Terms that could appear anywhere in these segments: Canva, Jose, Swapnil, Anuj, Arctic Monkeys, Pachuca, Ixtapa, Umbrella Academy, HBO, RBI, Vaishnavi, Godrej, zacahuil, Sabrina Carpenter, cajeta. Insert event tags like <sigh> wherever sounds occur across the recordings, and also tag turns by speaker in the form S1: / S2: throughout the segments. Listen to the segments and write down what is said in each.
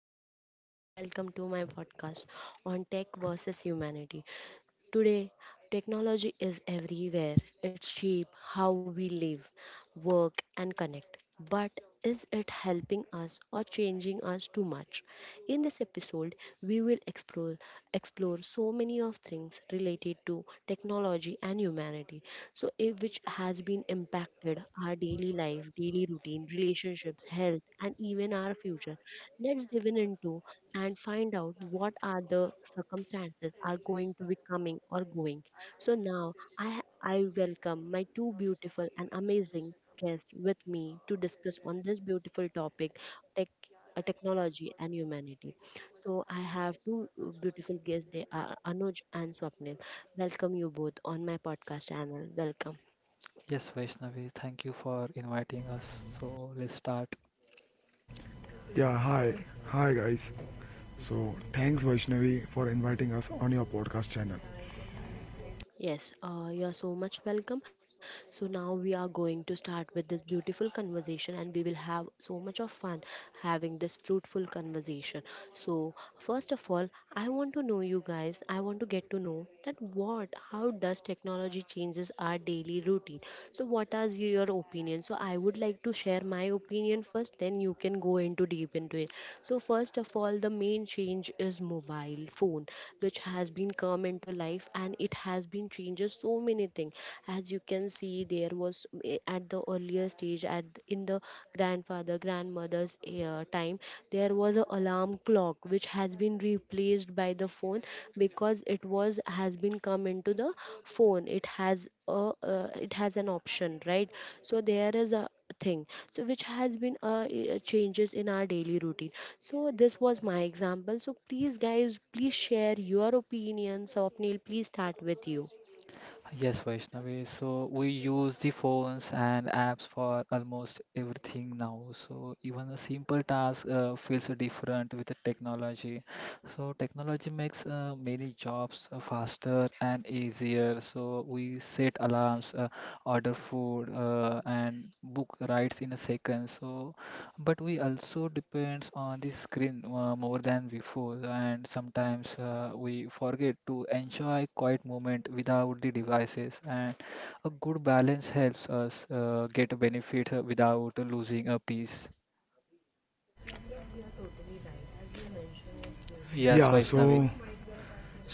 S1: everyone. Welcome to my podcast on tech versus humanity. Today, technology is everywhere. It's cheap how we live, work, and connect. But is it helping us or changing us too much? In this episode, we will explore so many of things related to technology and humanity. So, if, which has been impacted our daily life, daily routine, relationships, health, and even our future. Let's dive in into and find out what are the circumstances are going to be coming or going. So now I welcome my two beautiful and amazing guests with me to discuss on this beautiful topic, tech, technology and humanity. So I have two beautiful guests. They are Anuj and Swapnil. Welcome you both on my podcast channel. Welcome.
S2: Yes, Vaishnavi, thank you for inviting us. So let's start.
S3: Yeah, hi. Hi guys. So, thanks Vaishnavi for inviting us on your podcast channel.
S1: Yes, you are so much welcome. So now we are going to start with this beautiful conversation and we will have so much of fun having this fruitful conversation. So first of all, I want to know you guys. I want to get to know that what, how does technology changes our daily routine? So, what are your opinion? So, I would like to share my opinion first. Then you can go into deep into it. So, first of all, the main change is mobile phone, which has been come into life and it has been changes so many things. As you can see, there was at the earlier stage at in the grandfather grandmother's time. There was an alarm clock which has been replaced by the phone because it was has been come into the phone. It has a it has an option, right? So there is a thing, so which has been changes in our daily routine. So this was my example, so please guys, please share your opinions. So please start with you.
S2: Yes, Vaishnavi. So we use the phones and apps for almost everything now. So even a simple task feels different with the technology. So technology makes many jobs faster and easier. So we set alarms, order food, and book rides in a second. So but we also depends on the screen more than before, and sometimes we forget to enjoy quiet moment without the devices, and a good balance helps us get benefits without losing a piece. Yes,
S3: Yeah,
S2: Vaishnavi.
S3: so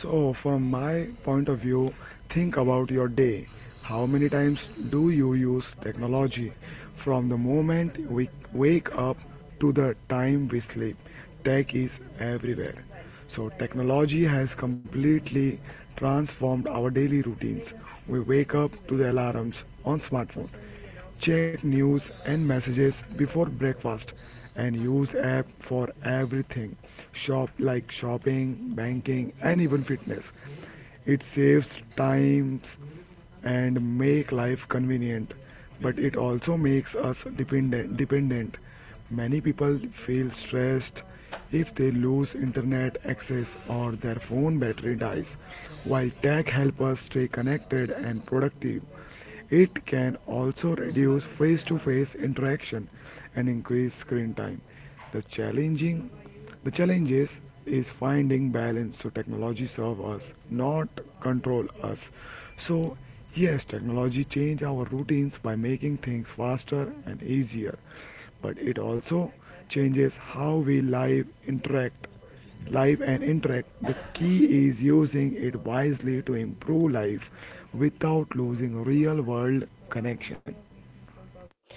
S3: so from my point of view, think about your day. How many times do you use technology from the moment we wake up to the time we sleep? Tech is everywhere. So technology has completely transformed our daily routines. We wake up to the alarms on smartphone, check news and messages before breakfast, and use app for everything, shop, like shopping, banking, and even fitness. It saves times and make life convenient, but it also makes us dependent. Many people feel stressed if they lose internet access or their phone battery dies. While tech helps us stay connected and productive, it can also reduce face to face interaction and increase screen time. The challenging the challenges is finding balance so technology serve us, not control us. So yes, technology change our routines by making things faster and easier, but it also changes how we live and interact. The key is using it wisely to improve life without losing real world connection.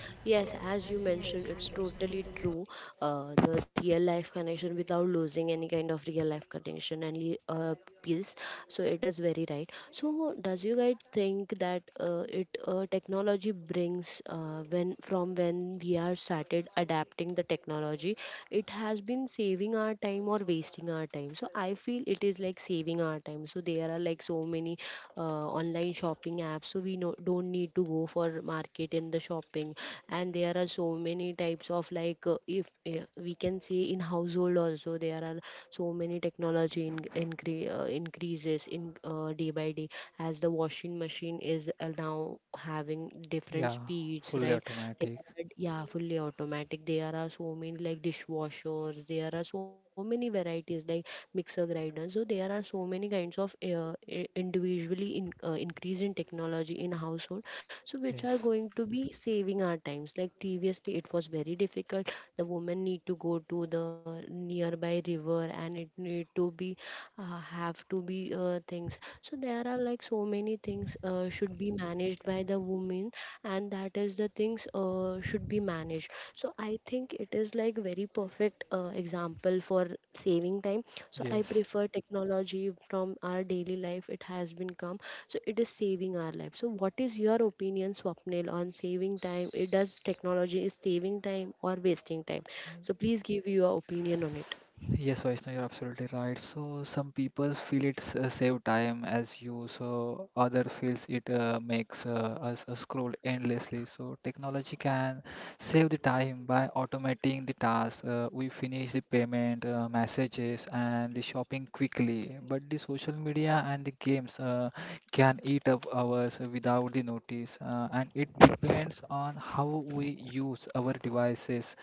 S1: Yes, as you mentioned, it's totally true. The real life connection without losing any kind of real life connection and peace. So it is very right. So does you guys think that it technology brings when from when we are started adapting the technology, it has been saving our time or wasting our time. So I feel it is like saving our time. So there are like so many online shopping apps, so we no, don't need to go for market in the shopping. And there are so many types of like if we can see in household also there are so many technology increases in day by day, as the washing machine is now having different
S2: Yeah,
S1: speeds,
S2: fully
S1: right? They
S2: automatic.
S1: are, yeah, fully automatic. There are so many like dishwashers, there are so many varieties like mixer grinders. So there are so many kinds of individually increase in technology in household, so which are
S2: Yes.
S1: going to be saving our times. Like previously it was very difficult, the woman need to go to the nearby river and it need to be have to be things. So there are like so many things should be managed by the woman, and that is the things should be managed. So I think it is like very perfect example for saving time. So I
S2: Yes.
S1: prefer technology from our daily life, it has been come, so it is saving our life. So what is your opinion, Swapnil, on saving time? It does technology is saving time or wasting time? So please give your opinion on it.
S2: Yes, Vaishnav, you're absolutely right. So some people feel it's save time as you, so other feels it makes us scroll endlessly. So technology can save the time by automating the tasks. We finish the payment, messages, and the shopping quickly. But the social media and the games can eat up hours without the notice, and it depends on how we use our devices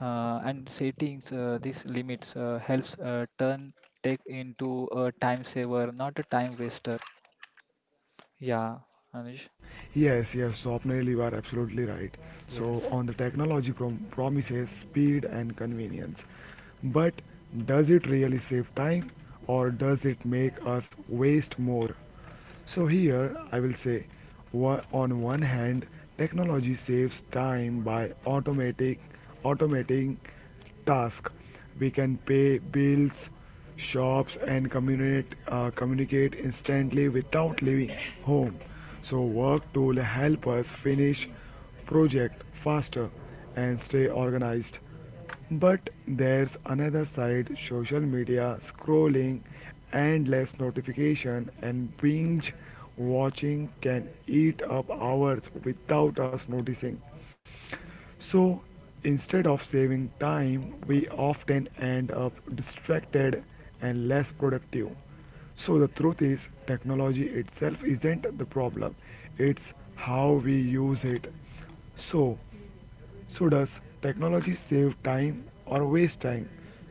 S2: and settings. These limits helps turn tech into a time saver, not a time waster. Yeah, Anuj.
S3: Yes, yes, Swapnil, you are absolutely right. So,
S2: Yes.
S3: on the technology promises speed and convenience. But does it really save time or does it make us waste more? So here I will say on one hand technology saves time by automatic automating task. We can pay bills, shops, and communicate instantly without leaving home. So work tool help us finish project faster and stay organized. But there's another side, social media scrolling, endless notification, and binge watching can eat up hours without us noticing. So instead of saving time, we often end up distracted and less productive. So the truth is, technology itself isn't the problem, it's how we use it. So, so does technology save time or waste time?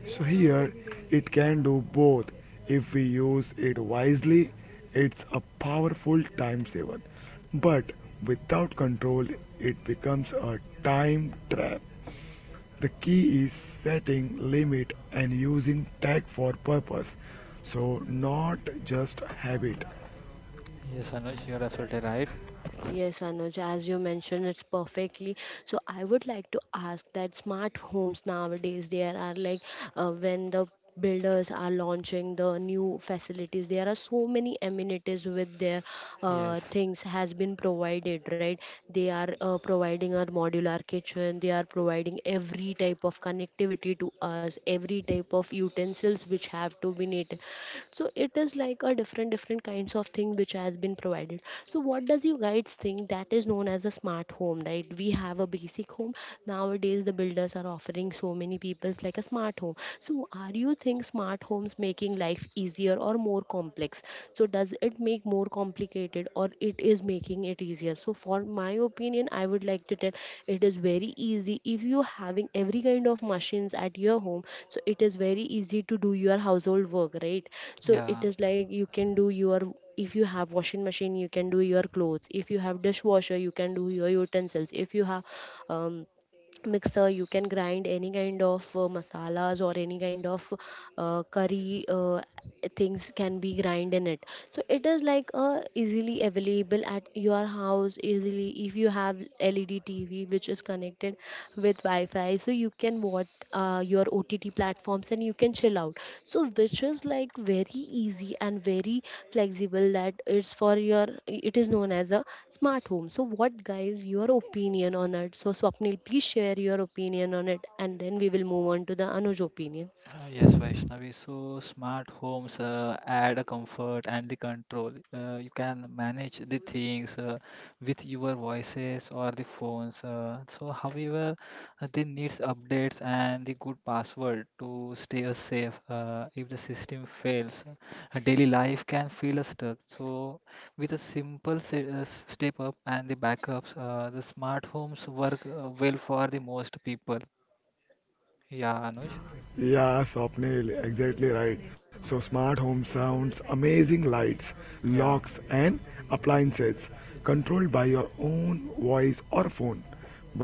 S3: So here it can do both. If we use it wisely, it's a powerful time saver. But without control, it becomes a time trap. The key is setting limit and using tech for purpose. So not just habit.
S2: Yes, Anuj, you're absolutely right.
S1: Yes, Anuj, as you mentioned, it's perfectly. So I would like to ask that smart homes nowadays, there are like when the builders are launching the new facilities, there are so many amenities with their
S2: Yes.
S1: things has been provided, right? They are providing our modular kitchen, they are providing every type of connectivity to us, every type of utensils which have to be needed. So it is like a different different kinds of thing which has been provided. So what does you guys think that is known as a smart home? Right, we have a basic home. Nowadays the builders are offering so many people's like a smart home. So are you think smart homes making life easier or more complex? So does it make more complicated or it is making it easier? So for my opinion, I would like to tell it is very easy if you having every kind of machines at your home. So it is very easy to do your household work, right? So it
S2: Yeah.
S1: is like you can do your, if you have washing machine you can do your clothes, if you have dishwasher you can do your utensils, if you have um, mixer you can grind any kind of masalas or any kind of curry things can be grind in it. So it is like a easily available at your house easily. If you have LED TV which is connected with Wi-Fi, so you can watch your OTT platforms and you can chill out. So which is like very easy and very flexible, that it's for your, it is known as a smart home. So what guys your opinion on it? So Swapnil, please share your opinion on it, and then we will move on to the Anuj opinion.
S2: Yes, Vaishnavi. So smart homes add a comfort and the control. You can manage the things with your voices or the phones. So, however, they needs updates and the good password to stay safe. If the system fails, daily life can feel stuck. So, with a simple step up and the backups, the smart homes work well for the most people. Yeah, Anuj.
S3: Yeah, Swapnil, exactly right. So, smart home sounds amazing, lights,
S2: Yeah.
S3: locks, and appliances controlled by your own voice or phone.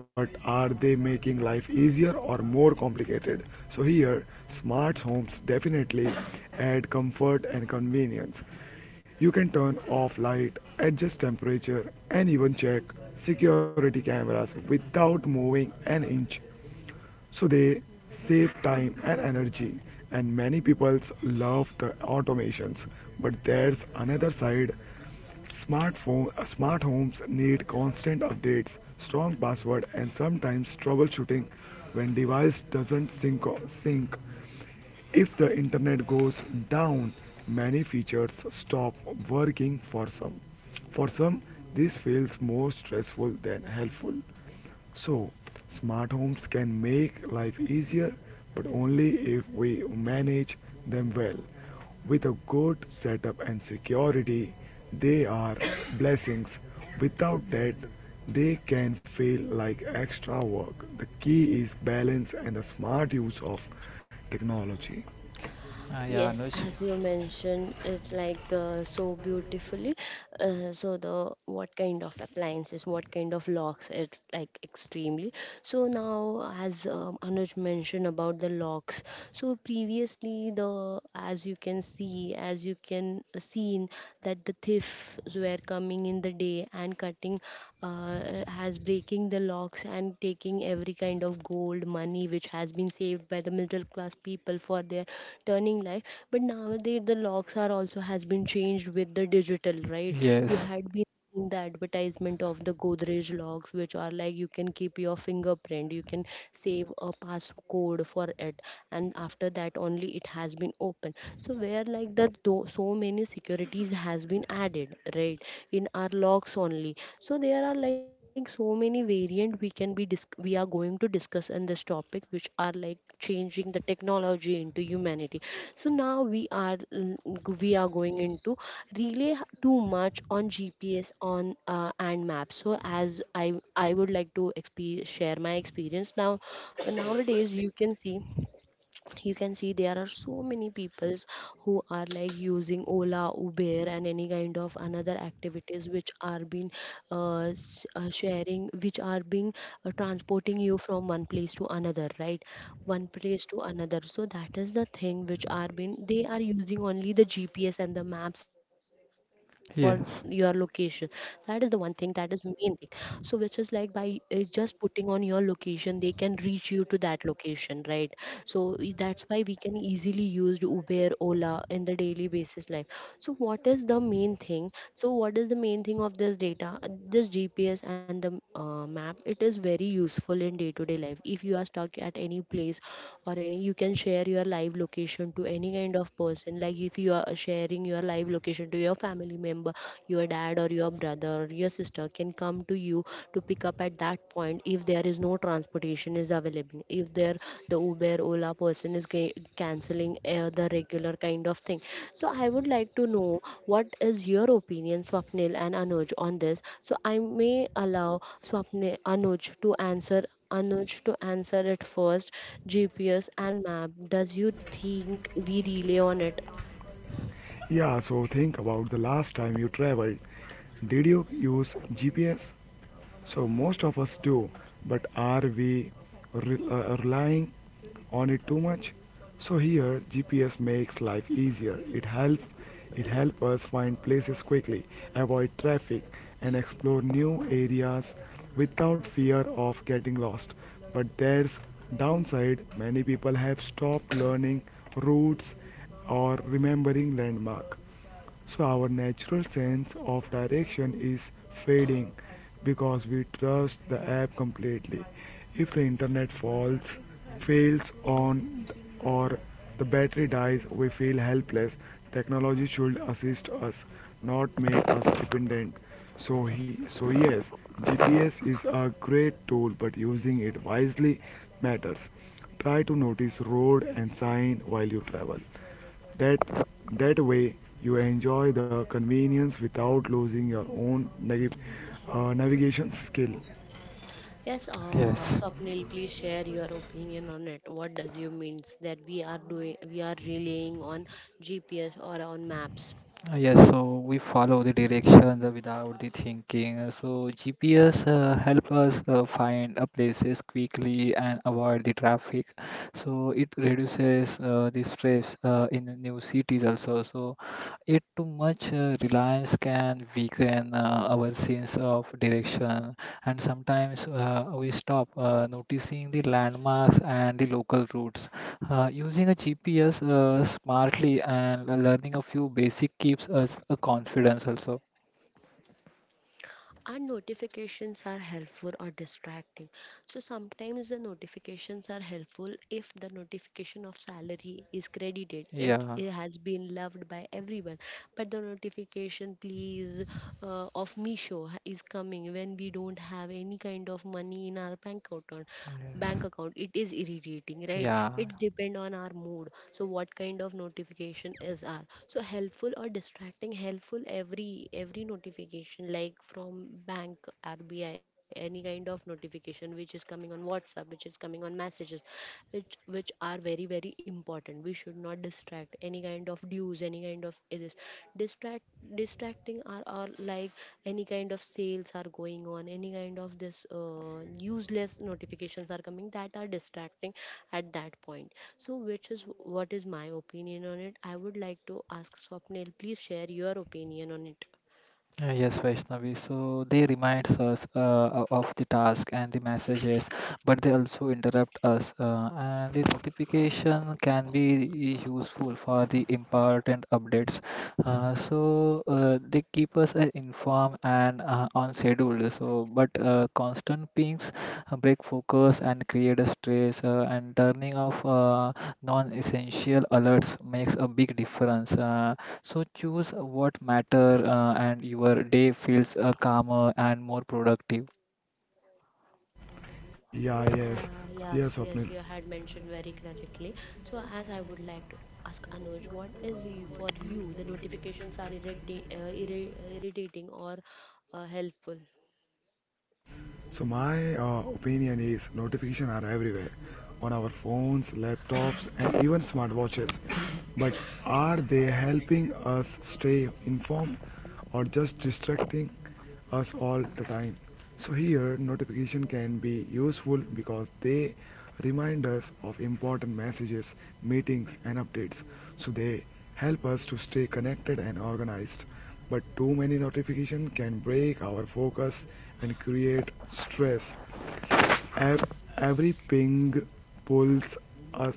S3: But are they making life easier or more complicated? So, here, smart homes definitely add comfort and convenience. You can turn off light, adjust temperature, and even check security cameras without moving an inch. So they save time and energy, and many people love the automations. But there's another side, smart homes need constant updates, strong password, and sometimes troubleshooting when device doesn't sync. If the internet goes down, many features stop working for some. For some, this feels more stressful than helpful. So, smart homes can make life easier, but only if we manage them well. With a good setup and security, they are blessings. Without that, they can feel like extra work. The key is balance and a smart use of technology.
S2: Yeah,
S1: Yes,
S2: Anuj.
S1: as you mentioned, it's like so beautifully. So the what kind of appliances, what kind of locks? It's like extremely. So now, as Anuj mentioned about the locks. So previously, the as you can see, as you can seen that the thieves were coming in the day and cutting, has breaking the locks and taking every kind of gold money which has been saved by the middle class people for their turning life. But nowadays the locks are also has been changed with the digital, right? You
S2: Yes,
S1: had been seeing the advertisement of the Godrej locks, which are like you can keep your fingerprint, you can save a passcode for it, and after that only it has been open. So where like that though so many securities has been added, right, in our logs only. So there are like so many variant we can be we are going to discuss in this topic which are like changing the technology into humanity. So now we are we are going into relay too much on GPS, on and maps. So as I would like to share my experience now. Nowadays you can see, there are so many peoples who are like using Ola Uber and any kind of another activities which are being sharing, which are being transporting you from one place to another, right? one place to another So that is the thing which are being they are using only the GPS and the maps for your location.
S2: yes,
S1: That is the one thing, that is main thing. So which is like by just putting on your location, they can reach you to that location, right? So that's why we can easily use Uber Ola in the daily basis life. So what is the main thing? Of this data, this GPS and the map. It is very useful in day to day life. If you are stuck at any place or any, you can share your live location to any kind of person. Like if you are sharing your live location to your family member, your dad or your brother or your sister can come to you, to pick up at that point, if there is no transportation is available, if there the Uber Ola person is canceling the regular kind of thing. So I would like to know what is your opinion, Swapnil and Anuj, on this. So I may allow swapnil Anuj to answer, it first. GPS and map, does you think we rely on it?
S3: Yeah, so think about the last time you traveled. Did you use GPS? So most of us do, but are we relying on it too much? So here GPS makes life easier. It helps us find places quickly, avoid traffic, and explore new areas without fear of getting lost. But there's downside, many people have stopped learning routes or remembering landmark. So our natural sense of direction is fading because we trust the app completely. If the internet fails on or the battery dies, we feel helpless. Technology should assist us, not make us dependent. So yes, GPS is a great tool, but using it wisely matters. Try to notice road and sign while you travel. That, that way, you enjoy the convenience without losing your own navigation skill.
S1: Yes,
S2: yes.
S1: Swapnil, please share your opinion on it. What does you means that we are doing, we are relying on GPS or on maps?
S2: Yes. So we follow the directions without the thinking. So GPS help us find places quickly and avoid the traffic. So it reduces the stress in the new cities also. So it too much reliance can weaken our sense of direction, and sometimes we stop noticing the landmarks and the local routes. Using a GPS smartly and learning a few basic keeps us a confidence also.
S1: And notifications are helpful or distracting? So sometimes the notifications are helpful. If the notification of salary is credited, it,
S2: Yeah.
S1: it has been loved by everyone. But the notification please, of Misho is coming when we don't have any kind of money in our bank account. Bank
S2: Yes.
S1: account, it is irritating, right?
S2: Yeah.
S1: It depend on our mood, so what kind of notification is our. So helpful or distracting? Helpful, every notification like from bank, RBI, any kind of notification which is coming on WhatsApp, which is coming on messages, which are very important. We should not distract any kind of dues, any kind of this. Distract. Distracting are like any kind of sales are going on, any kind of this useless notifications are coming, that are distracting at that point. So, which is what is my opinion on it? I would like to ask Swapnil, please share your opinion on it.
S2: Yes, Vaishnavi. So they reminds us of the task and the messages, but they also interrupt us. And the notification can be useful for the important updates. So they keep us informed and on schedule. So, but constant pings break focus and create a stress. And turning off non-essential alerts makes a big difference. So choose what matter and your day feels calmer and more productive.
S1: Yes,
S3: Yeah,
S1: yes.
S3: yes,
S1: Yes,
S3: yes,
S1: yes, you
S3: Swapnil.
S1: had mentioned very correctly. So, as I would like to ask Anuj, what is you, for you the notifications are irritating, irritating or helpful?
S3: So my opinion is notifications are everywhere on our phones, laptops, and even smartwatches. But are they helping us stay informed or just distracting us all the time? So here notification can be useful because they remind us of important messages, meetings, and updates. So they help us to stay connected and organized, but too many notifications can break our focus and create stress. Ev- every ping pulls us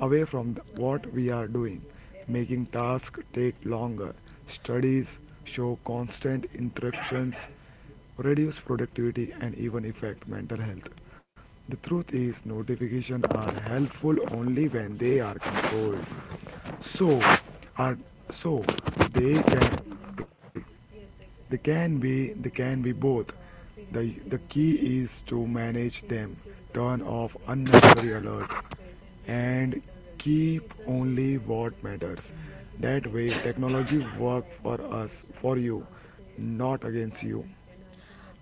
S3: away from what we are doing, making tasks take longer. Studies show constant interruptions reduce productivity and even affect mental health. The truth is, notifications are helpful only when they are controlled. So, are so they can they can be both. The key is to manage them, turn off unnecessary alerts, and keep only what matters. That way technology work for us, for you, not against you.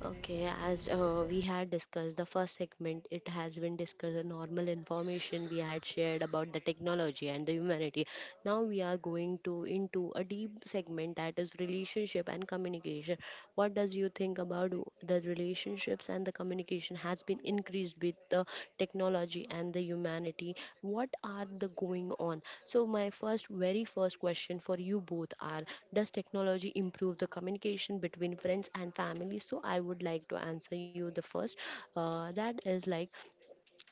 S1: Okay, as we had discussed the first segment, it has been discussed the normal information we had shared about the technology and the humanity. Now we are going to into a deep segment, that is relationship and communication. What does you think about the relationships and the communication has been increased with the technology and the humanity? What are the going on? So my first, very first question for you both are, does technology improve the communication between friends and family? So I would like to answer you the first. That is like,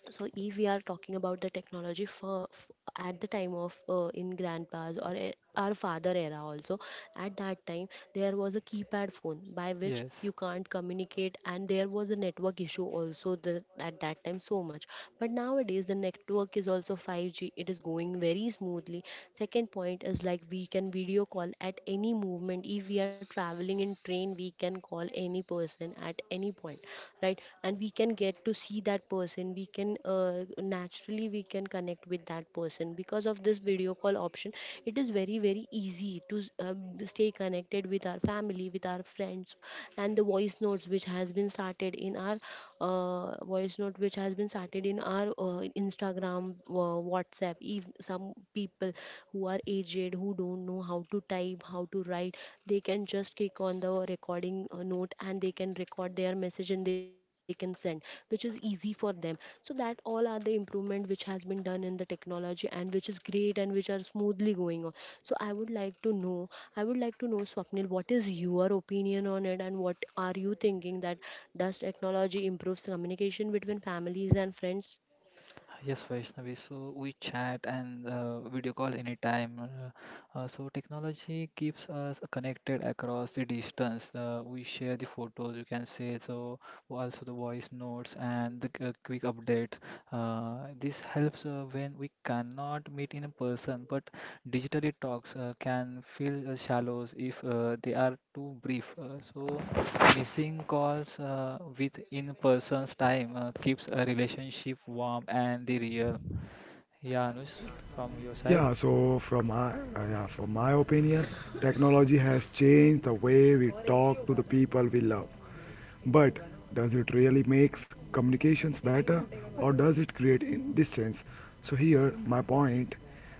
S1: so if we are talking about the technology for, f at the time of in grandpa's or our father era also, at that time there was a keypad phone by which
S2: Yes.
S1: you can't communicate, and there was a network issue also, the, at that time so much. But nowadays the network is also 5G, it is going very smoothly. Second point is like we can video call at any movement. If we are traveling in train, we can call any person at any point, right? And we can get to see that person. We can naturally we can connect with that person because of this video call option. It is very easy to stay connected with our family, with our friends. And the voice notes which has been started in our voice note which has been started in our Instagram, WhatsApp, if some people who are aged, who don't know how to type, how to write, they can just click on the recording note and they can record their message and they can send, which is easy for them. So that all are the improvement which has been done in the technology, and which is great and which are smoothly going on. So I would like to know, Swapnil, what is your opinion on it and what are you thinking? That does technology improves communication between families and friends?
S2: Yes, Vaishnavi. So we chat and video call anytime. So technology keeps us connected across the distance. We share the photos, you can say, so also the voice notes and the quick updates. This helps when we cannot meet in person, but digitally talks can feel shallow if they are too brief. So missing calls with in person's time keeps a relationship warm and the real. Yeah, Anush, from your side?
S3: Yeah, so from my opinion, technology has changed the way we talk to the people we love. But does it really makes communications better or does it create in distance? So here my point,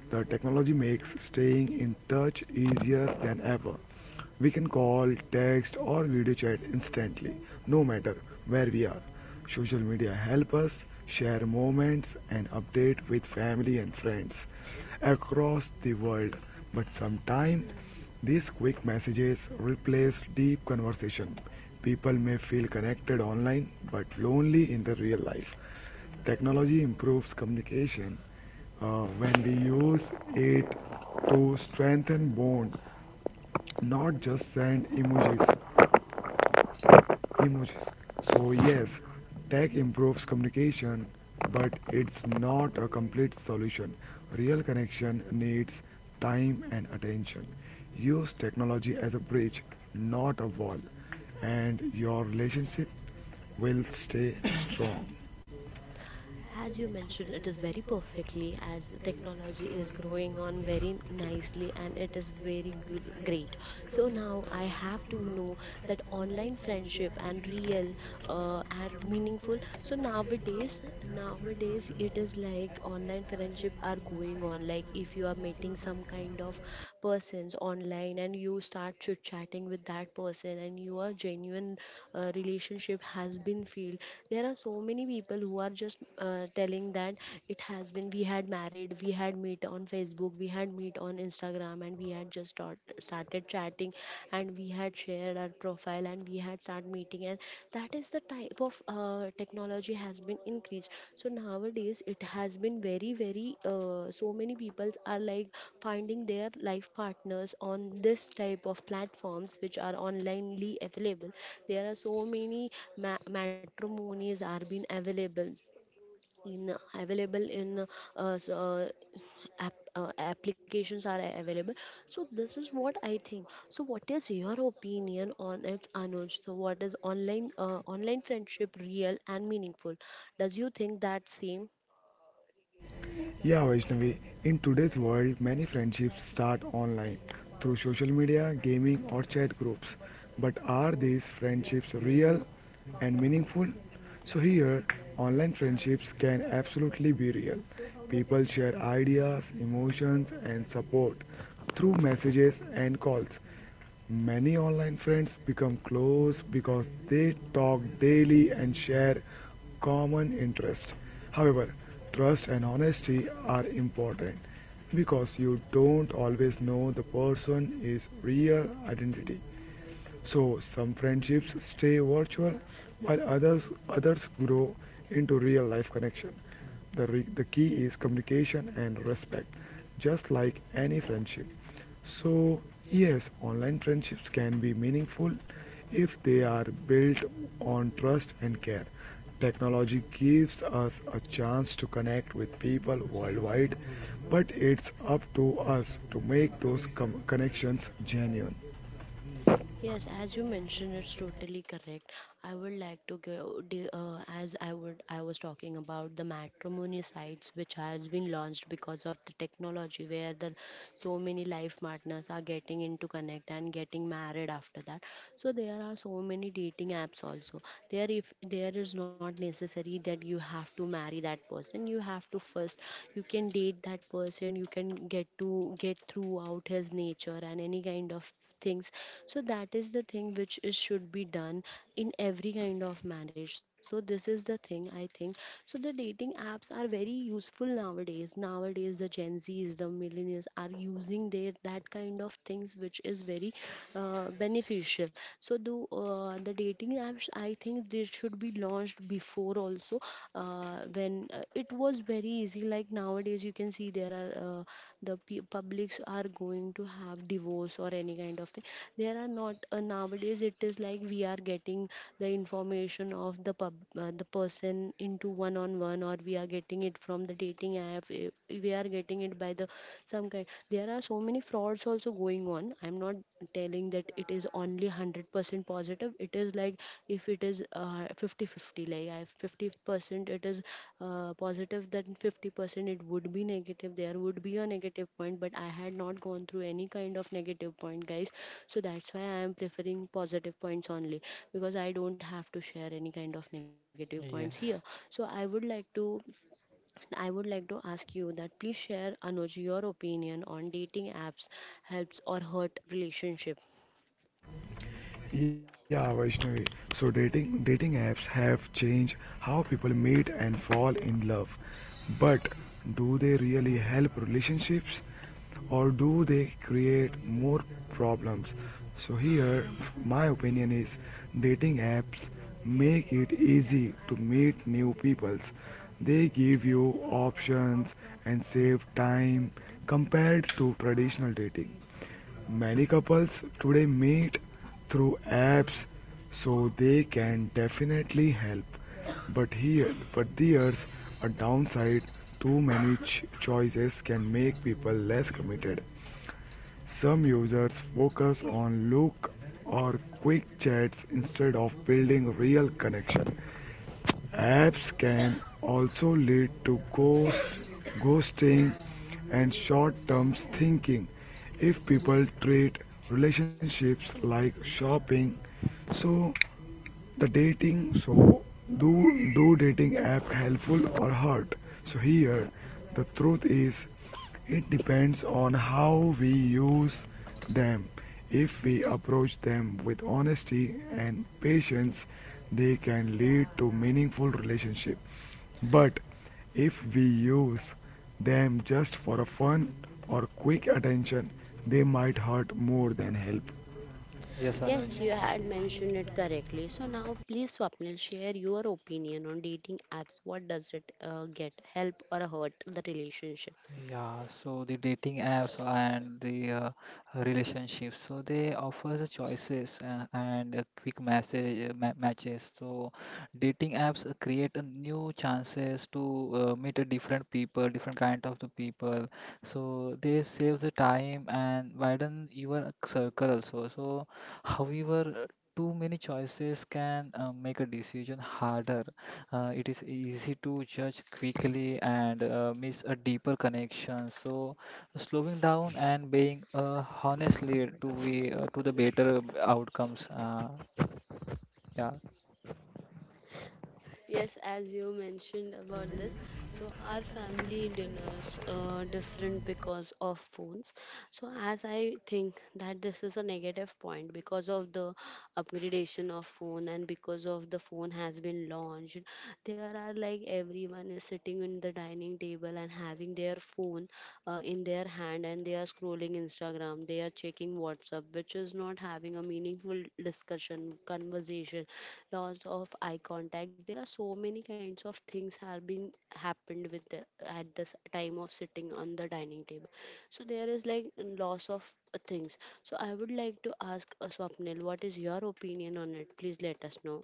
S3: the technology makes staying in touch easier than ever. We can call, text, or video chat instantly, no matter where we are. Social media help us share moments and update with family and friends across the world. But sometimes these quick messages replace deep conversation. People may feel connected online but lonely in the real life. Technology improves communication when we use it to strengthen bond, not just send emojis. So, yes, tech improves communication, but it's not a complete solution. Real connection needs time and attention. Use technology as a bridge, not a wall, and your relationship will stay <coughs> strong.
S1: As you mentioned, it is very perfectly, as technology is growing on very nicely and it is very great. So now I have to know that online friendship and real and meaningful. So nowadays, nowadays it is like online friendship are going on. Like if you are meeting some kind of persons online and you start chit chatting with that person and your genuine relationship has been filled. There are so many people who are just telling that, it has been, we had married, we had meet on Facebook, we had meet on Instagram and we had started chatting and we had shared our profile and we had started meeting. And that is the type of technology has been increased. So nowadays it has been very, very so many people are like finding their life partners on this type of platforms which are onlinely available. There are so many matrimonies are being available, in available in, uh, so, uh, app, applications are available. So this is what I think. So what is your opinion on it, Anuj? So what is online, online friendship real and meaningful? Does you think that same?
S3: Yeah, Vaishnavi. In today's world, many friendships start online through social media, gaming, or chat groups. But are these friendships real and meaningful? So, here, online friendships can absolutely be real. People share ideas, emotions, and support through messages and calls. Many online friends become close because they talk daily and share common interests. However, trust and honesty are important because you don't always know the person's real identity. So some friendships stay virtual while others grow into real life connection. The key is communication and respect, just like any friendship. So, yes, online friendships can be meaningful if they are built on trust and care. Technology gives us a chance to connect with people worldwide, but it's up to us to make those connections genuine.
S1: Yes, as you mentioned, it's totally correct. I would like to go as I would, I was talking about the matrimony sites which has been launched because of the technology, where the so many life partners are getting into connect and getting married after that. So there are so many dating apps also. There if there is not necessary that you have to marry that person, you have to first, you can date that person. You can get to get throughout his nature and any kind of things. So that is the thing which is should be done in every kind of marriage. So this is the thing I think. So the dating apps are very useful nowadays. Nowadays the gen z's, the millennials are using their that kind of things, which is very beneficial. So the dating apps, I think they should be launched before also. When it was very easy. Like nowadays you can see there are, uh, the publics are going to have divorce or any kind of thing. There are not, nowadays it is like we are getting the information of the pub, the person into one on one, or we are getting it from the dating app, we are getting it by the some kind. There are so many frauds also going on. I'm not telling that it is only 100% positive. It is like, if it is 50 fifty, like I 50% it is positive, then 50% it would be negative. There would be a negative point, but I had not gone through any kind of negative point, guys. So that's why I am preferring positive points only, because I don't have to share any kind of negative points here.
S2: Yes.
S1: So I would like to, I would like to ask you that, please share Anuj your opinion on dating apps. Helps or hurt relationship?
S3: Yeah, Vaishnavi. So dating apps have changed how people meet and fall in love. But do they really help relationships or do they create more problems? So here my opinion is dating apps make it easy to meet new peoples. They give you options and save time compared to traditional dating. Many couples today meet through apps, so they can definitely help. But there's a downside. Too many choices can make people less committed. Some users focus on look or quick chats instead of building real connection. Apps can also lead to ghosting and short-term thinking if people treat relationships like shopping. So so do dating app helpful or hurt? So here the truth is it depends on how we use them. If we approach them with honesty and patience, they can lead to meaningful relationship. But if we use them just for a fun or quick attention, they might hurt more than help.
S2: Yes,
S1: Yes,
S2: Anuj.
S1: you had mentioned it correctly. So now, please, Swapnil, share your opinion on dating apps. What does it get? Help or hurt the relationship?
S2: Yeah, so the dating apps and the relationships, so they offer the choices and a quick message ma matches. So dating apps create a new chances to meet a different people, different kind of the people. So they save the time and widen your circle also. So however, too many choices can make a decision harder. It is easy to judge quickly and miss a deeper connection. So, slowing down and being honestly to be to the better outcomes. Yeah.
S1: Yes, as you mentioned about this, so our family dinners are different because of phones. So as I think that this is a negative point, because of the upgradation of phone and because of the phone has been launched, there are like everyone is sitting in the dining table and having their phone in their hand, and they are scrolling Instagram, they are checking WhatsApp, which is not having a meaningful discussion, conversation, loss of eye contact. There are so many kinds of things have been happened with the, at this time of sitting on the dining table. So there is like loss of things. So I would like to ask, Swapnil, what is your opinion on it, please let us know.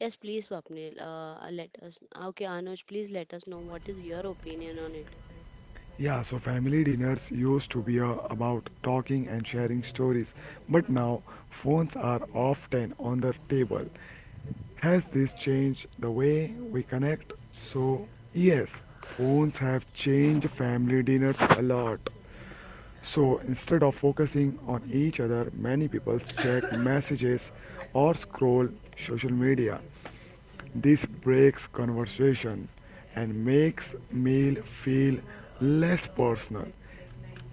S1: Yes, please Swapnil, let us, okay Anuj, please let us know what is your opinion on
S3: Yeah, so family dinners used to be about talking and sharing stories, but now phones are often on the table. Has this changed the way we connect? So, yes, phones have changed family dinners a lot. So, instead of focusing on each other, many people check messages or scroll social media. This breaks conversation and makes meal feel less personal.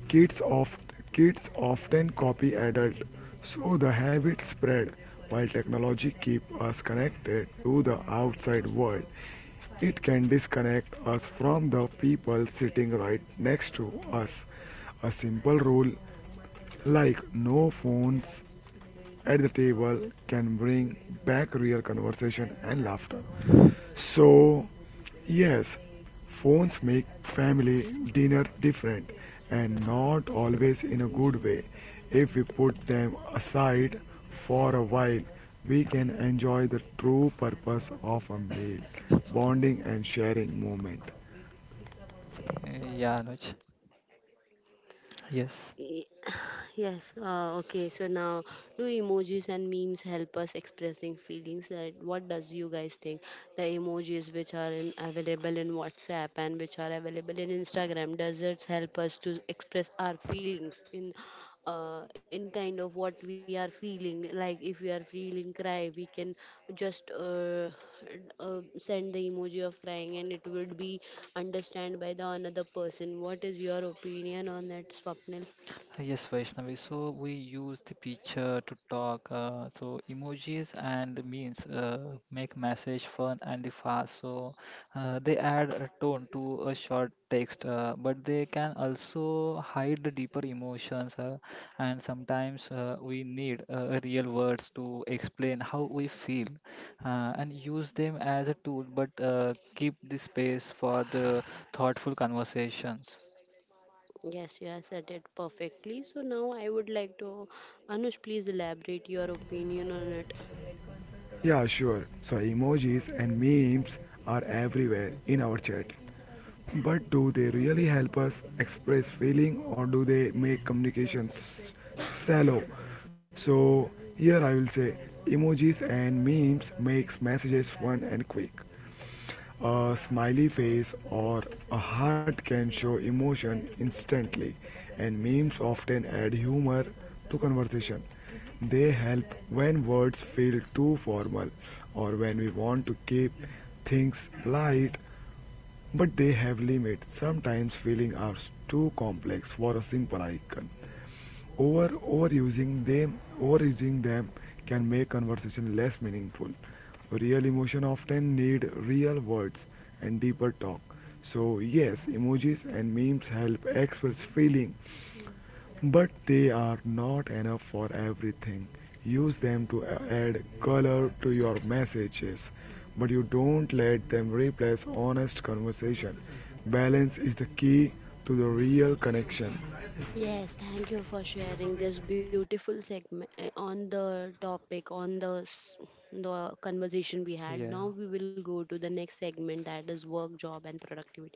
S3: Kids oft Kids often copy adults, so the habit spread. While technology keep us connected to the outside world, it can disconnect us from the people sitting right next to us. A simple rule like no phones at the table can bring back real conversation and laughter. So, yes, phones make family dinner different and not always in a good way. If we put them aside for a while, we can enjoy the true purpose of a meal, bonding and sharing moment.
S2: Yeah, Anuj. Yes.
S1: it. Yes, okay. So now, do emojis and memes help us expressing feelings? Like, what does you guys think? The emojis which are in, available in WhatsApp and which are available in Instagram, does it help us to express our feelings in kind of what we are feeling? Like, if we are feeling cry, we can just send the emoji of crying, and it would be understand by the another person. What is your opinion on that, Swapnil?
S2: Yes, Vaishnavi. So we use the picture to talk. So emojis and memes make message fun and the fast. So they add a tone to a short text, but they can also hide the deeper emotions. And sometimes we need real words to explain how we feel, and use them as a tool, but keep the space for the thoughtful conversations.
S1: Yes, you have said it perfectly. So now I would like to, Anush, please elaborate your opinion on it.
S3: Yeah, sure. So emojis and memes are everywhere in our chat. But do they really help us express feeling or do they make communications shallow? So here I will say emojis and memes makes messages fun and quick. A smiley face or a heart can show emotion instantly, and memes often add humor to conversation. They help when words feel too formal or when we want to keep things light, but they have limits. Sometimes feelings are too complex for a simple icon. Overusing them can make conversation less meaningful. Real emotion often need real words and deeper talk. So yes, emojis and memes help express feeling, but they are not enough for everything. Use them to add color to your messages, but you don't let them replace honest conversation. Balance is the key to the real connection.
S1: Yes, thank you for sharing this beautiful segment on the topic, on the the conversation we had. Now
S2: Yeah.
S1: we will go to the next segment, that is work, job and productivity.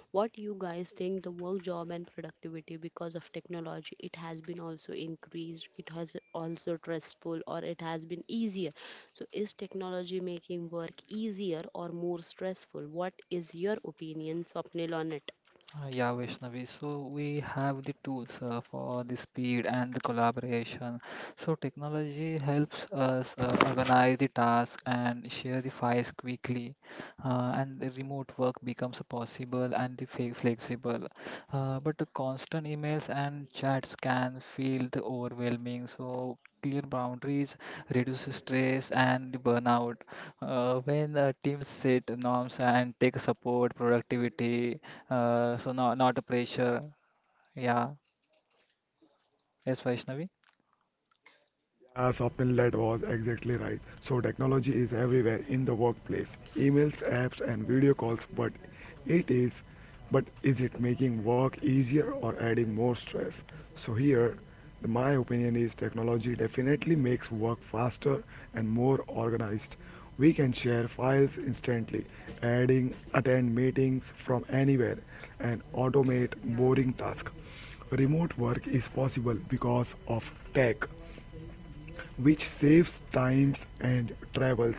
S1: What you guys think the work, job and productivity, because of technology it has been also increased, it has also stressful or it has been easier. So is technology making work easier or more stressful? What is your opinion, Swapnil, on it?
S2: Yeah, Vaishnavi. So we have the tools for the speed and the collaboration. So technology helps us organize the task and share the files quickly, and the remote work becomes possible and the flexible. But the constant emails and chats can feel the overwhelming. So clear boundaries reduces stress and the burnout. When teams set norms and take support, productivity so not a pressure. Yeah. Yes, Vaishnavi.
S3: Yeah, Swapnil, that was exactly right. So technology is everywhere in the workplace, emails, apps, and video calls. It is, but is it making work easier or adding more stress? So here, my opinion is technology definitely makes work faster and more organized. We can share files instantly, adding attend meetings from anywhere, and automate boring tasks. Remote work is possible because of tech which saves times and travels.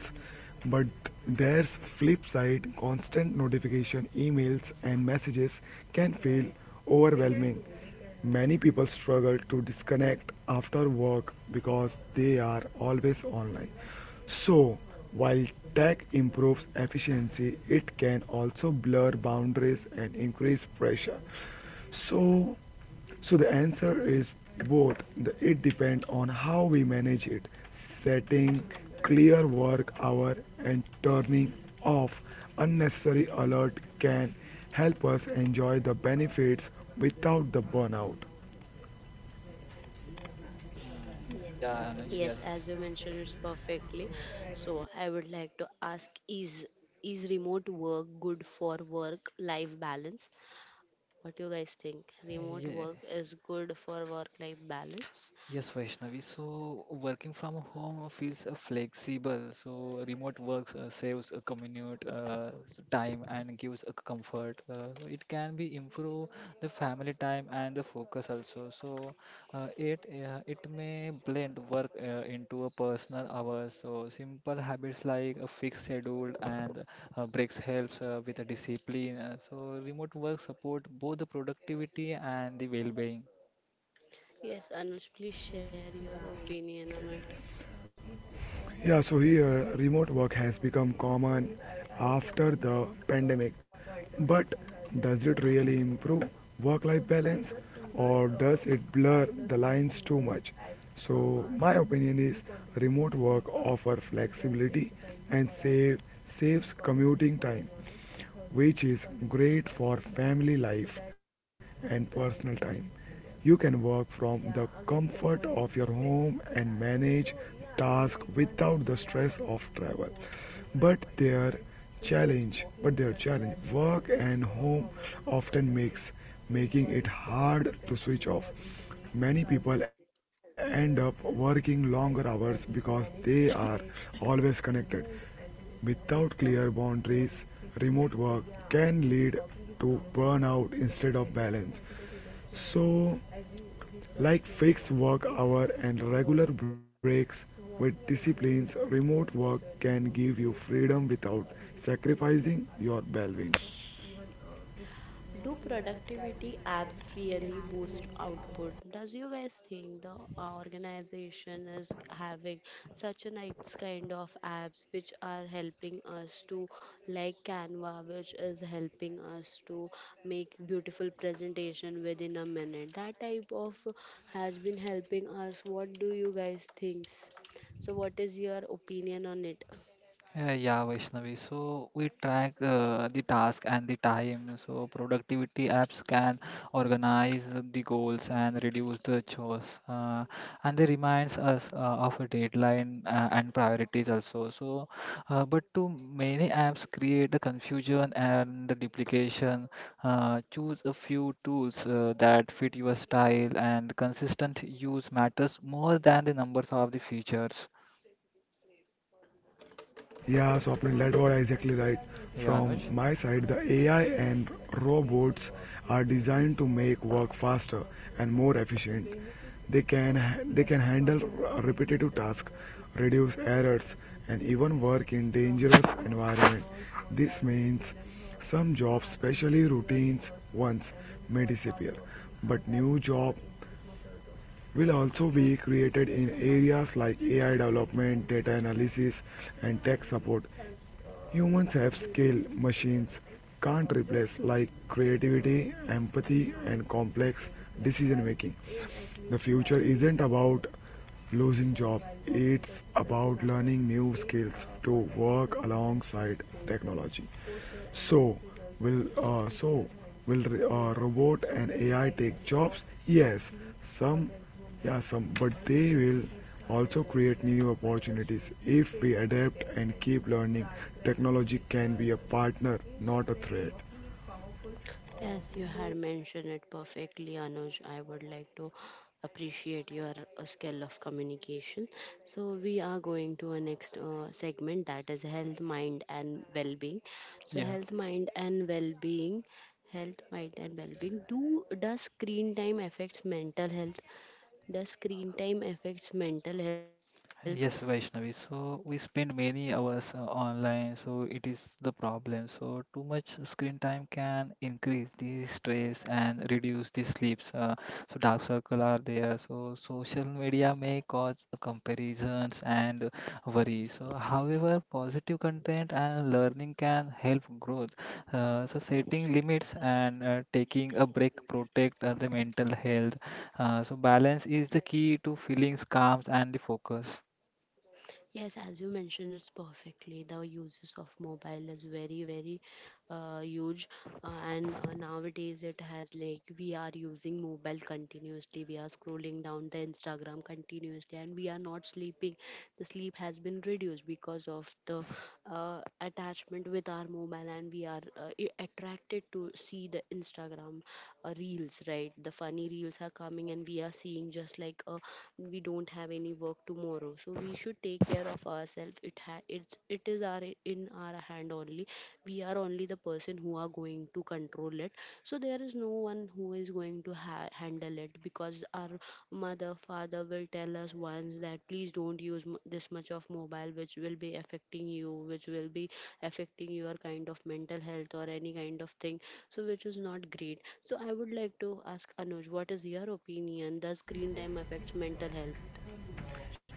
S3: But there's flip side, constant notification, emails and messages can feel overwhelming. Many people struggle to disconnect after work because they are always online. So, while tech improves efficiency, it can also blur boundaries and increase pressure. So, so the answer is both. It depends on how we manage it, setting clear work hour and turning off unnecessary alert can help us enjoy the benefits without the burnout.
S1: Yes,
S2: Yeah,
S1: as you
S2: Anuj.
S1: mentioned,
S2: Yes.
S1: it's perfectly. So I would like to ask is, remote work good for work life balance? What do you guys think? Remote
S2: Yeah.
S1: work is good for work life balance?
S2: Yes, Vaishnavi. So working from home feels flexible. So remote works saves a commute time and gives a comfort. So it can be improve the family time and the focus also. So it may blend work into a personal hours. So simple habits like a fixed schedule and breaks helps with a discipline. So remote work support both the productivity and the well-being.
S1: Yes, Anush, please share your opinion on it.
S3: Yeah, so here remote work has become common after the pandemic. But does it really improve work life balance or does it blur the lines too much? So, my opinion is remote work offers flexibility and saves commuting time which is great for family life and personal time. You can work from the comfort of your home and manage tasks without the stress of travel. But their but their challenge, work and home often mix, making it hard to switch off. Many people end up working longer hours because they are always connected. Without clear boundaries, remote work can lead to burnout instead of balance. So, like fixed work hour and regular breaks with disciplines, remote work can give you freedom without sacrificing your well-being.
S1: Do productivity apps really boost output? Does you guys think the organization is having such a nice kind of apps which are helping us to, like Canva, which is helping us to make beautiful presentation within a minute? That type of has been helping us. What do you guys think? So what is your opinion on it?
S2: Yeah, Vaishnavi. So we track the task and the time. So productivity apps can organize the goals and reduce the chores. And they reminds us of a deadline and priorities also. So, but too many apps create a confusion and the duplication. Choose a few tools that fit your style, and consistent use matters more than the numbers of the features.
S3: Yeah, Swapnil, that was exactly right.
S2: Yeah,
S3: From
S2: Anuj.
S3: my side, the AI and robots are designed to make work faster and more efficient. They can they can handle repetitive tasks, reduce errors, and even work in dangerous environment. This means some jobs, especially routines ones, may disappear, but new job will also be created in areas like AI development, data analysis, and tech support. Humans have skill machines can't replace, like creativity, empathy, and complex decision making. The future isn't about losing job, it's about learning new skills to work alongside technology. So, so will robot and AI take jobs? Yes, some, yeah, some, but they will also create new opportunities if we adapt and keep learning. Technology can be a partner, not a threat.
S1: Yes, you had mentioned it perfectly, Anuj. I would like to appreciate your skill of communication. So, we are going to a next segment, that is health, mind, and well being. So,
S2: Yeah.
S1: health, mind, and well being. Health, mind, and well being. Do does screen time affects mental health? Does screen time affects mental health?
S2: Yes, Vaishnavi. So we spend many hours online, so it is the problem. So too much screen time can increase the stress and reduce the sleeps. So dark circle are there. So social media may cause comparisons and worry. So however, positive content and learning can help growth. So setting limits and taking a break protect the mental health. So balance is the key to feelings, calm, and the focus.
S1: Yes, as you mentioned, it's perfectly. The uses of mobile is very, very huge, and nowadays it has like we are using mobile continuously. We are scrolling down the Instagram continuously, and we are not sleeping. The sleep has been reduced because of the attachment with our mobile, and we are attracted to see the Instagram reels. Right, the funny reels are coming, and we are seeing just like a we don't have any work tomorrow, so we should take care of ourselves. It's it is our in our hand only. We are only the person who are going to control it. So there is no one who is going to handle it, because our mother father will tell us once that please don't use this much of mobile, which will be affecting you, which will be affecting your kind of mental health or any kind of thing, so which is not great. So I would like to ask Anuj, what is your opinion? Does screen time affects mental health?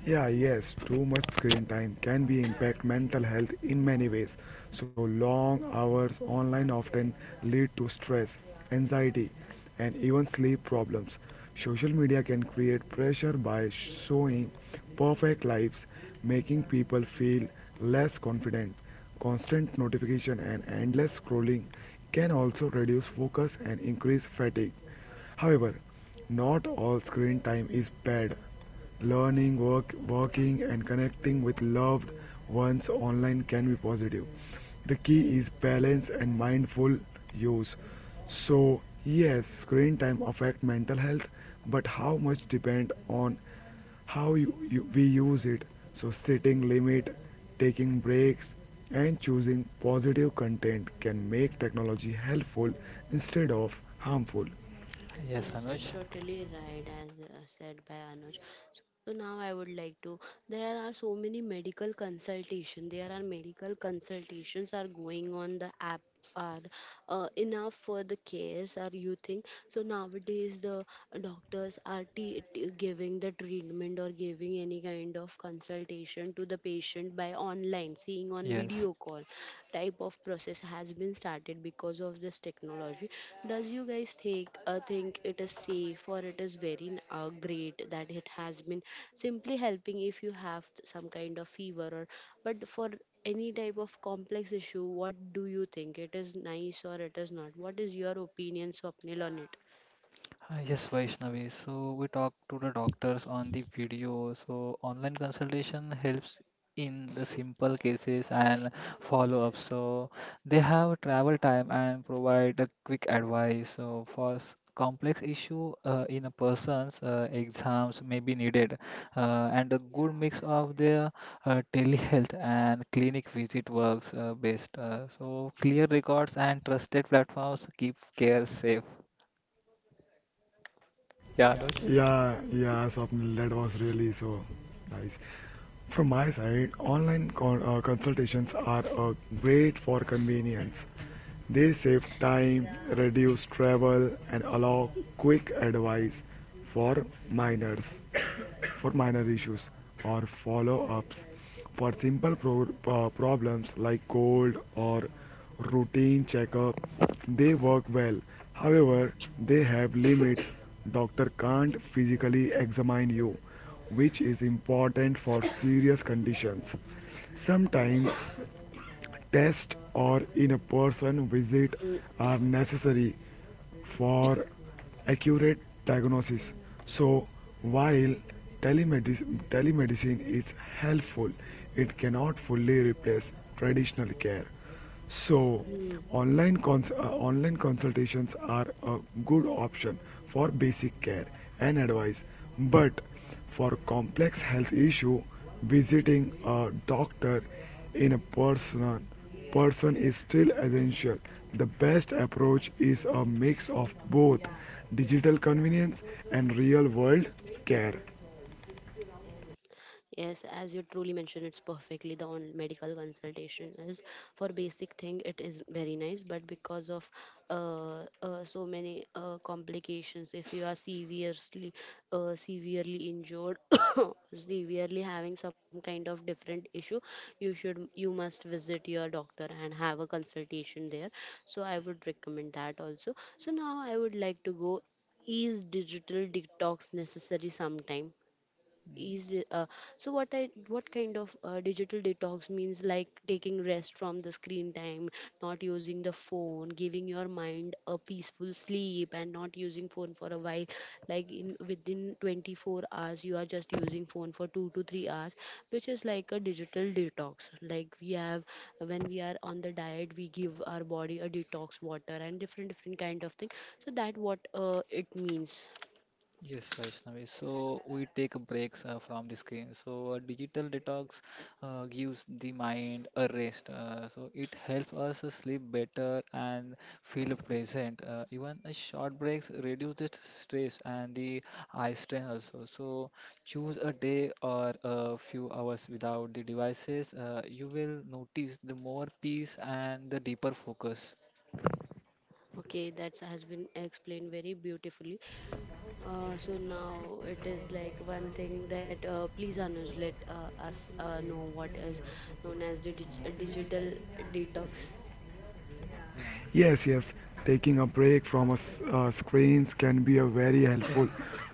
S3: Yeah, yes, too much screen time can be impact mental health in many ways. So long hours online often lead to stress, anxiety, and even sleep problems. Social media can create pressure by showing perfect lives, making people feel less confident. Constant notification and endless scrolling can also reduce focus and increase fatigue. However, not all screen time is bad. Learning, working, and connecting with loved ones online can be positive. The key is balance and mindful use. So, yes, screen time affects mental health, but how much depends on how we use it. So, setting limit, taking breaks, and choosing positive content can make technology helpful instead of harmful.
S2: Yes,
S1: Yes,
S2: Anuj.
S1: it's totally right, as said by Anuj. So now I would like to. There are so many medical consultation. There are medical consultations are going on the app are enough for the cares, are you think? So nowadays the doctors are giving the treatment or giving any kind of consultation to the patient by online seeing on
S2: Yes.
S1: video call type of process has been started because of this technology. Does you guys think it is safe, or it is very great that it has been simply helping if you have some kind of fever or, but for any type of complex issue, what do you think, it is nice or it is not? What is your opinion, swapnil, on it?
S2: Hi, yes, Vaishnavi. So we talk to the doctors on the video. So online consultation helps in the simple cases and follow up. So they have travel time and provide a quick advice. So for complex issue in a person's exams may be needed, and a good mix of their telehealth and clinic visit works best. So clear records and trusted platforms keep care safe. Yeah, Anuj.
S3: Yeah, Swapnil, that was really so nice. From my side, consultations are great for convenience. They save time, reduce travel, and allow quick advice for minors, minor issues or follow ups. For simple problems like cold or routine checkup, they work well. However, they have limits. Doctor can't physically examine you, which is important for serious conditions. Sometimes test or in person visit are necessary for accurate diagnosis. So, while telemedicine is helpful, it cannot fully replace traditional care. So,
S1: Mm-hmm.
S3: online consultations are a good option for basic care and advice, but for complex health issue, visiting a doctor in a person is still essential. The best approach is a mix of both digital convenience and real world care.
S1: Yes, as you truly mentioned, it's perfectly the on medical consultation is for basic thing. It is very nice, but because of so many complications, if you are severely severely injured, <coughs> severely having some kind of different issue, you should you must visit your doctor and have a consultation there. So I would recommend that also. So now I would like to go. Is digital detox necessary sometime? Is So what kind of digital detox means, like taking rest from the screen time, not using the phone, giving your mind a peaceful sleep and not using phone for a while, like in within 24 hours you are just using phone for 2 to 3 hours, which is like a digital detox. Like we have when we are on the diet, we give our body a detox water and different different kind of thing. So that what it means.
S2: Yes, Vaishnavi. So we take a breaks from the screen. So a digital detox gives the mind a rest. So it helps us sleep better and feel present. Even a short breaks reduce the stress and the eye strain also. So choose a day or a few hours without the devices. You will notice the more peace and the deeper focus.
S1: Okay, that has been explained very beautifully. So now it is like one thing that please Anuj, let us know what is known as the digital detox.
S3: Yes, yes. Taking a break from screens can be a very helpful.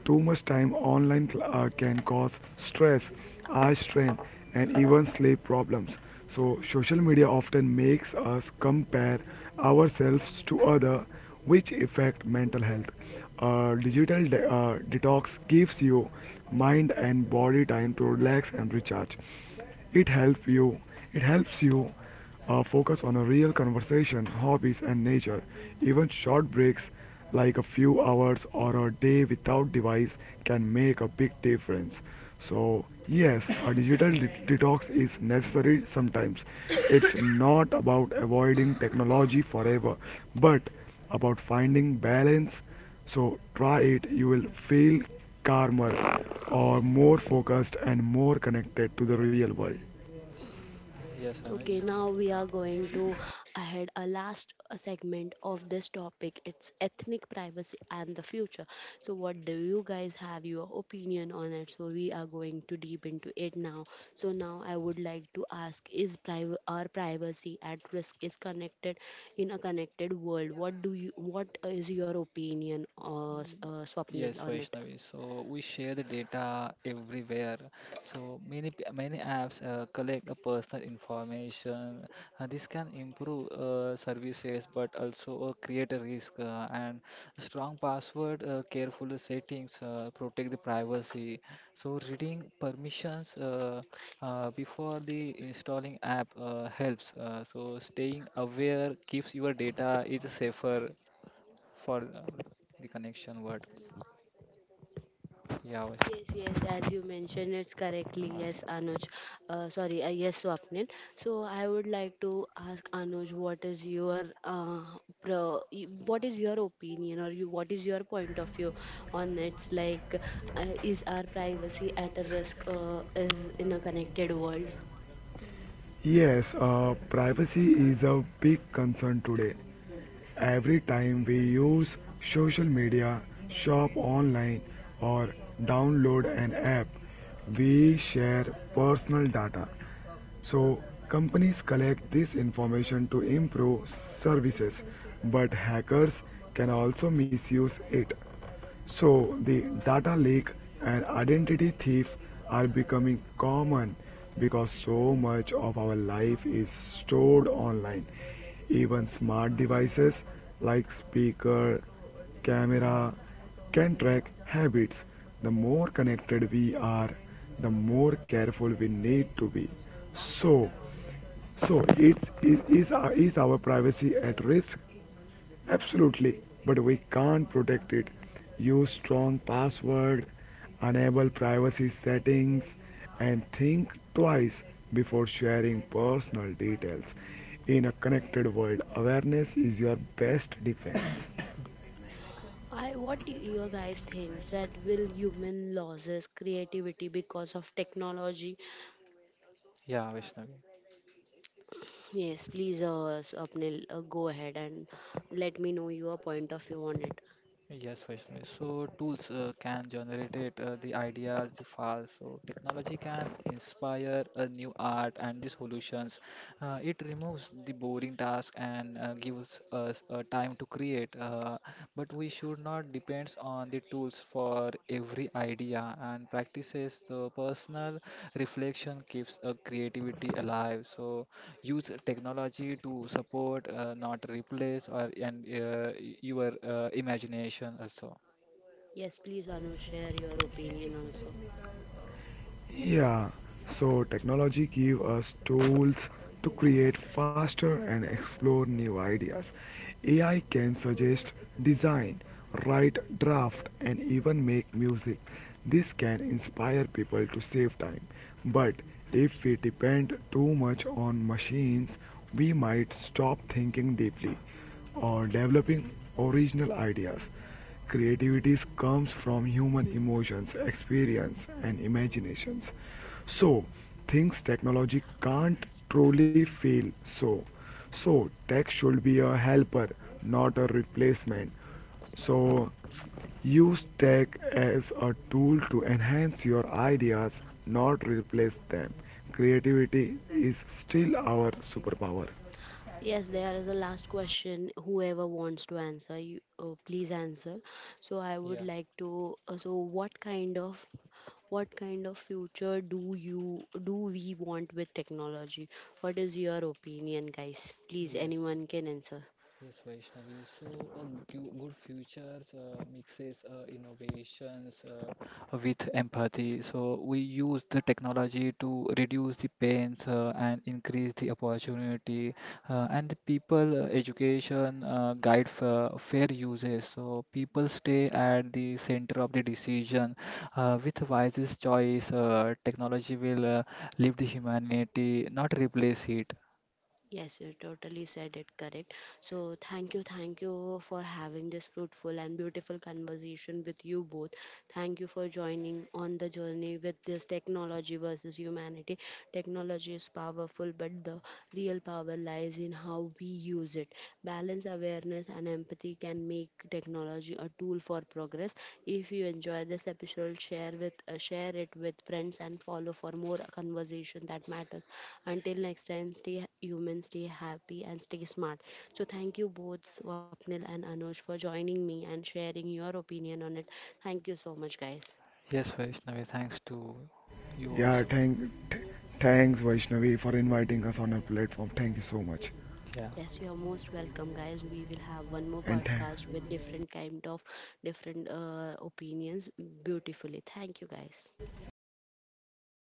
S3: Too much time online can cause stress, eye strain, and even sleep problems. So social media often makes us compare ourselves to other, which affect mental health. A detox gives you mind and body time to relax and recharge. It helps you. It helps you focus on a real conversation, hobbies, and nature. Even short breaks, like a few hours or a day without device, can make a big difference. So yes, a detox is necessary sometimes. It's not about avoiding technology forever, but about finding balance. So try it. You will feel calmer are more focused and more connected to the real world.
S2: Yes, Anuj.
S1: Okay, now we are going to ahead a last segment of this topic. It's ethnic privacy and the future. So, what do you guys have your opinion on it? So, we are going to deep into it now. So, now I would like to ask: Is our privacy at risk? Is connected in a connected world? What do you? What is your opinion, Swapnil,
S2: Yes,
S1: on it?
S2: Vaishnavi. So we share the data everywhere. So many apps collect a personal information. This can improve services, but also create a risk. And strong password, careful settings protect the privacy. So reading permissions before the installing app helps. So staying aware keeps your data is safer for the connection. Word. Yeah.
S1: Yes, yes, as you mentioned, it's correctly. Yes, Anuj. Sorry, yes, Swapnil. So I would like to ask Anuj, what is your what is your opinion, or you, what is your point of view on it's like is our privacy at a risk, is in a connected world?
S3: Yes, privacy is a big concern today. Every time we use social media, shop online, or download an app, we share personal data. So, companies collect this information to improve services, but hackers can also misuse it. So the data leak and identity thief are becoming common because so much of our life is stored online. Even smart devices like speaker, camera can track habits. The more connected we are, the more careful we need to be. So, so it's, is our privacy at risk? Absolutely, but we can't protect it. Use strong password, enable privacy settings, and think twice before sharing personal details. In a connected world, awareness is your best defense.
S1: I what do you guys think that will human losses creativity because of technology?
S2: Yeah, Vaishnavi.
S1: Yes, please, Apnil, go ahead and let me know your point of view on it.
S2: Yes, Vaishnavi. So tools can generate the ideas, the files. So technology can inspire a new art and the solutions. It removes the boring task and gives us time to create. But we should not depend on the tools for every idea and practices. So personal reflection keeps creativity alive. So use technology to support not replace or and your imagination also.
S1: Yes, please, Anu, share your opinion also.
S3: Yeah, so technology give us tools to create faster and explore new ideas. AI can suggest design, write draft and even make music. This can inspire people to save time. But if we depend too much on machines, we might stop thinking deeply or developing original ideas. Creativity comes from human emotions, experience, and imaginations. So, things technology can't truly feel so. So, tech should be a helper, not a replacement. So, use tech as a tool to enhance your ideas, not replace them. Creativity is still our superpower.
S1: Yes, there is a last question. Whoever wants to answer, you please answer. So I would
S2: Yeah,
S1: like to. So what kind of future do you do we want with technology? What is your opinion, guys? Please,
S2: yes.
S1: anyone can answer.
S2: Yes, Vaishnavi. So, a good futures mixes innovations with empathy. So, we use the technology to reduce the pains and increase the opportunity, and the people education guide for fair uses. So, people stay at the center of the decision. With wisest choice, technology will lift the humanity, not replace it.
S1: Yes, you totally said it correct. So, thank you for having this fruitful and beautiful conversation with you both. Thank you for joining on the journey with this technology versus humanity. Technology is powerful, but the real power lies in how we use it. Balance, awareness, and empathy can make technology a tool for progress. If you enjoy this episode, share with share it with friends and follow for more conversation that matters. Until next time, stay human, stay happy, and stay smart. So, thank you both, Swapnil and Anuj, for joining me and sharing your opinion on it. Thank you so much, guys.
S2: Yes, Vaishnavi. Thanks to you
S3: Yeah,
S2: also.
S3: thank, th- Thanks Vaishnavi for inviting us on our platform. Thank you so much.
S2: Yeah.
S1: Yes, you are most welcome, guys. We will have one more
S3: And tha-
S1: podcast with different kind of different opinions beautifully. Thank you, guys.
S3: Thank
S2: Yes.
S3: you, Swapnil.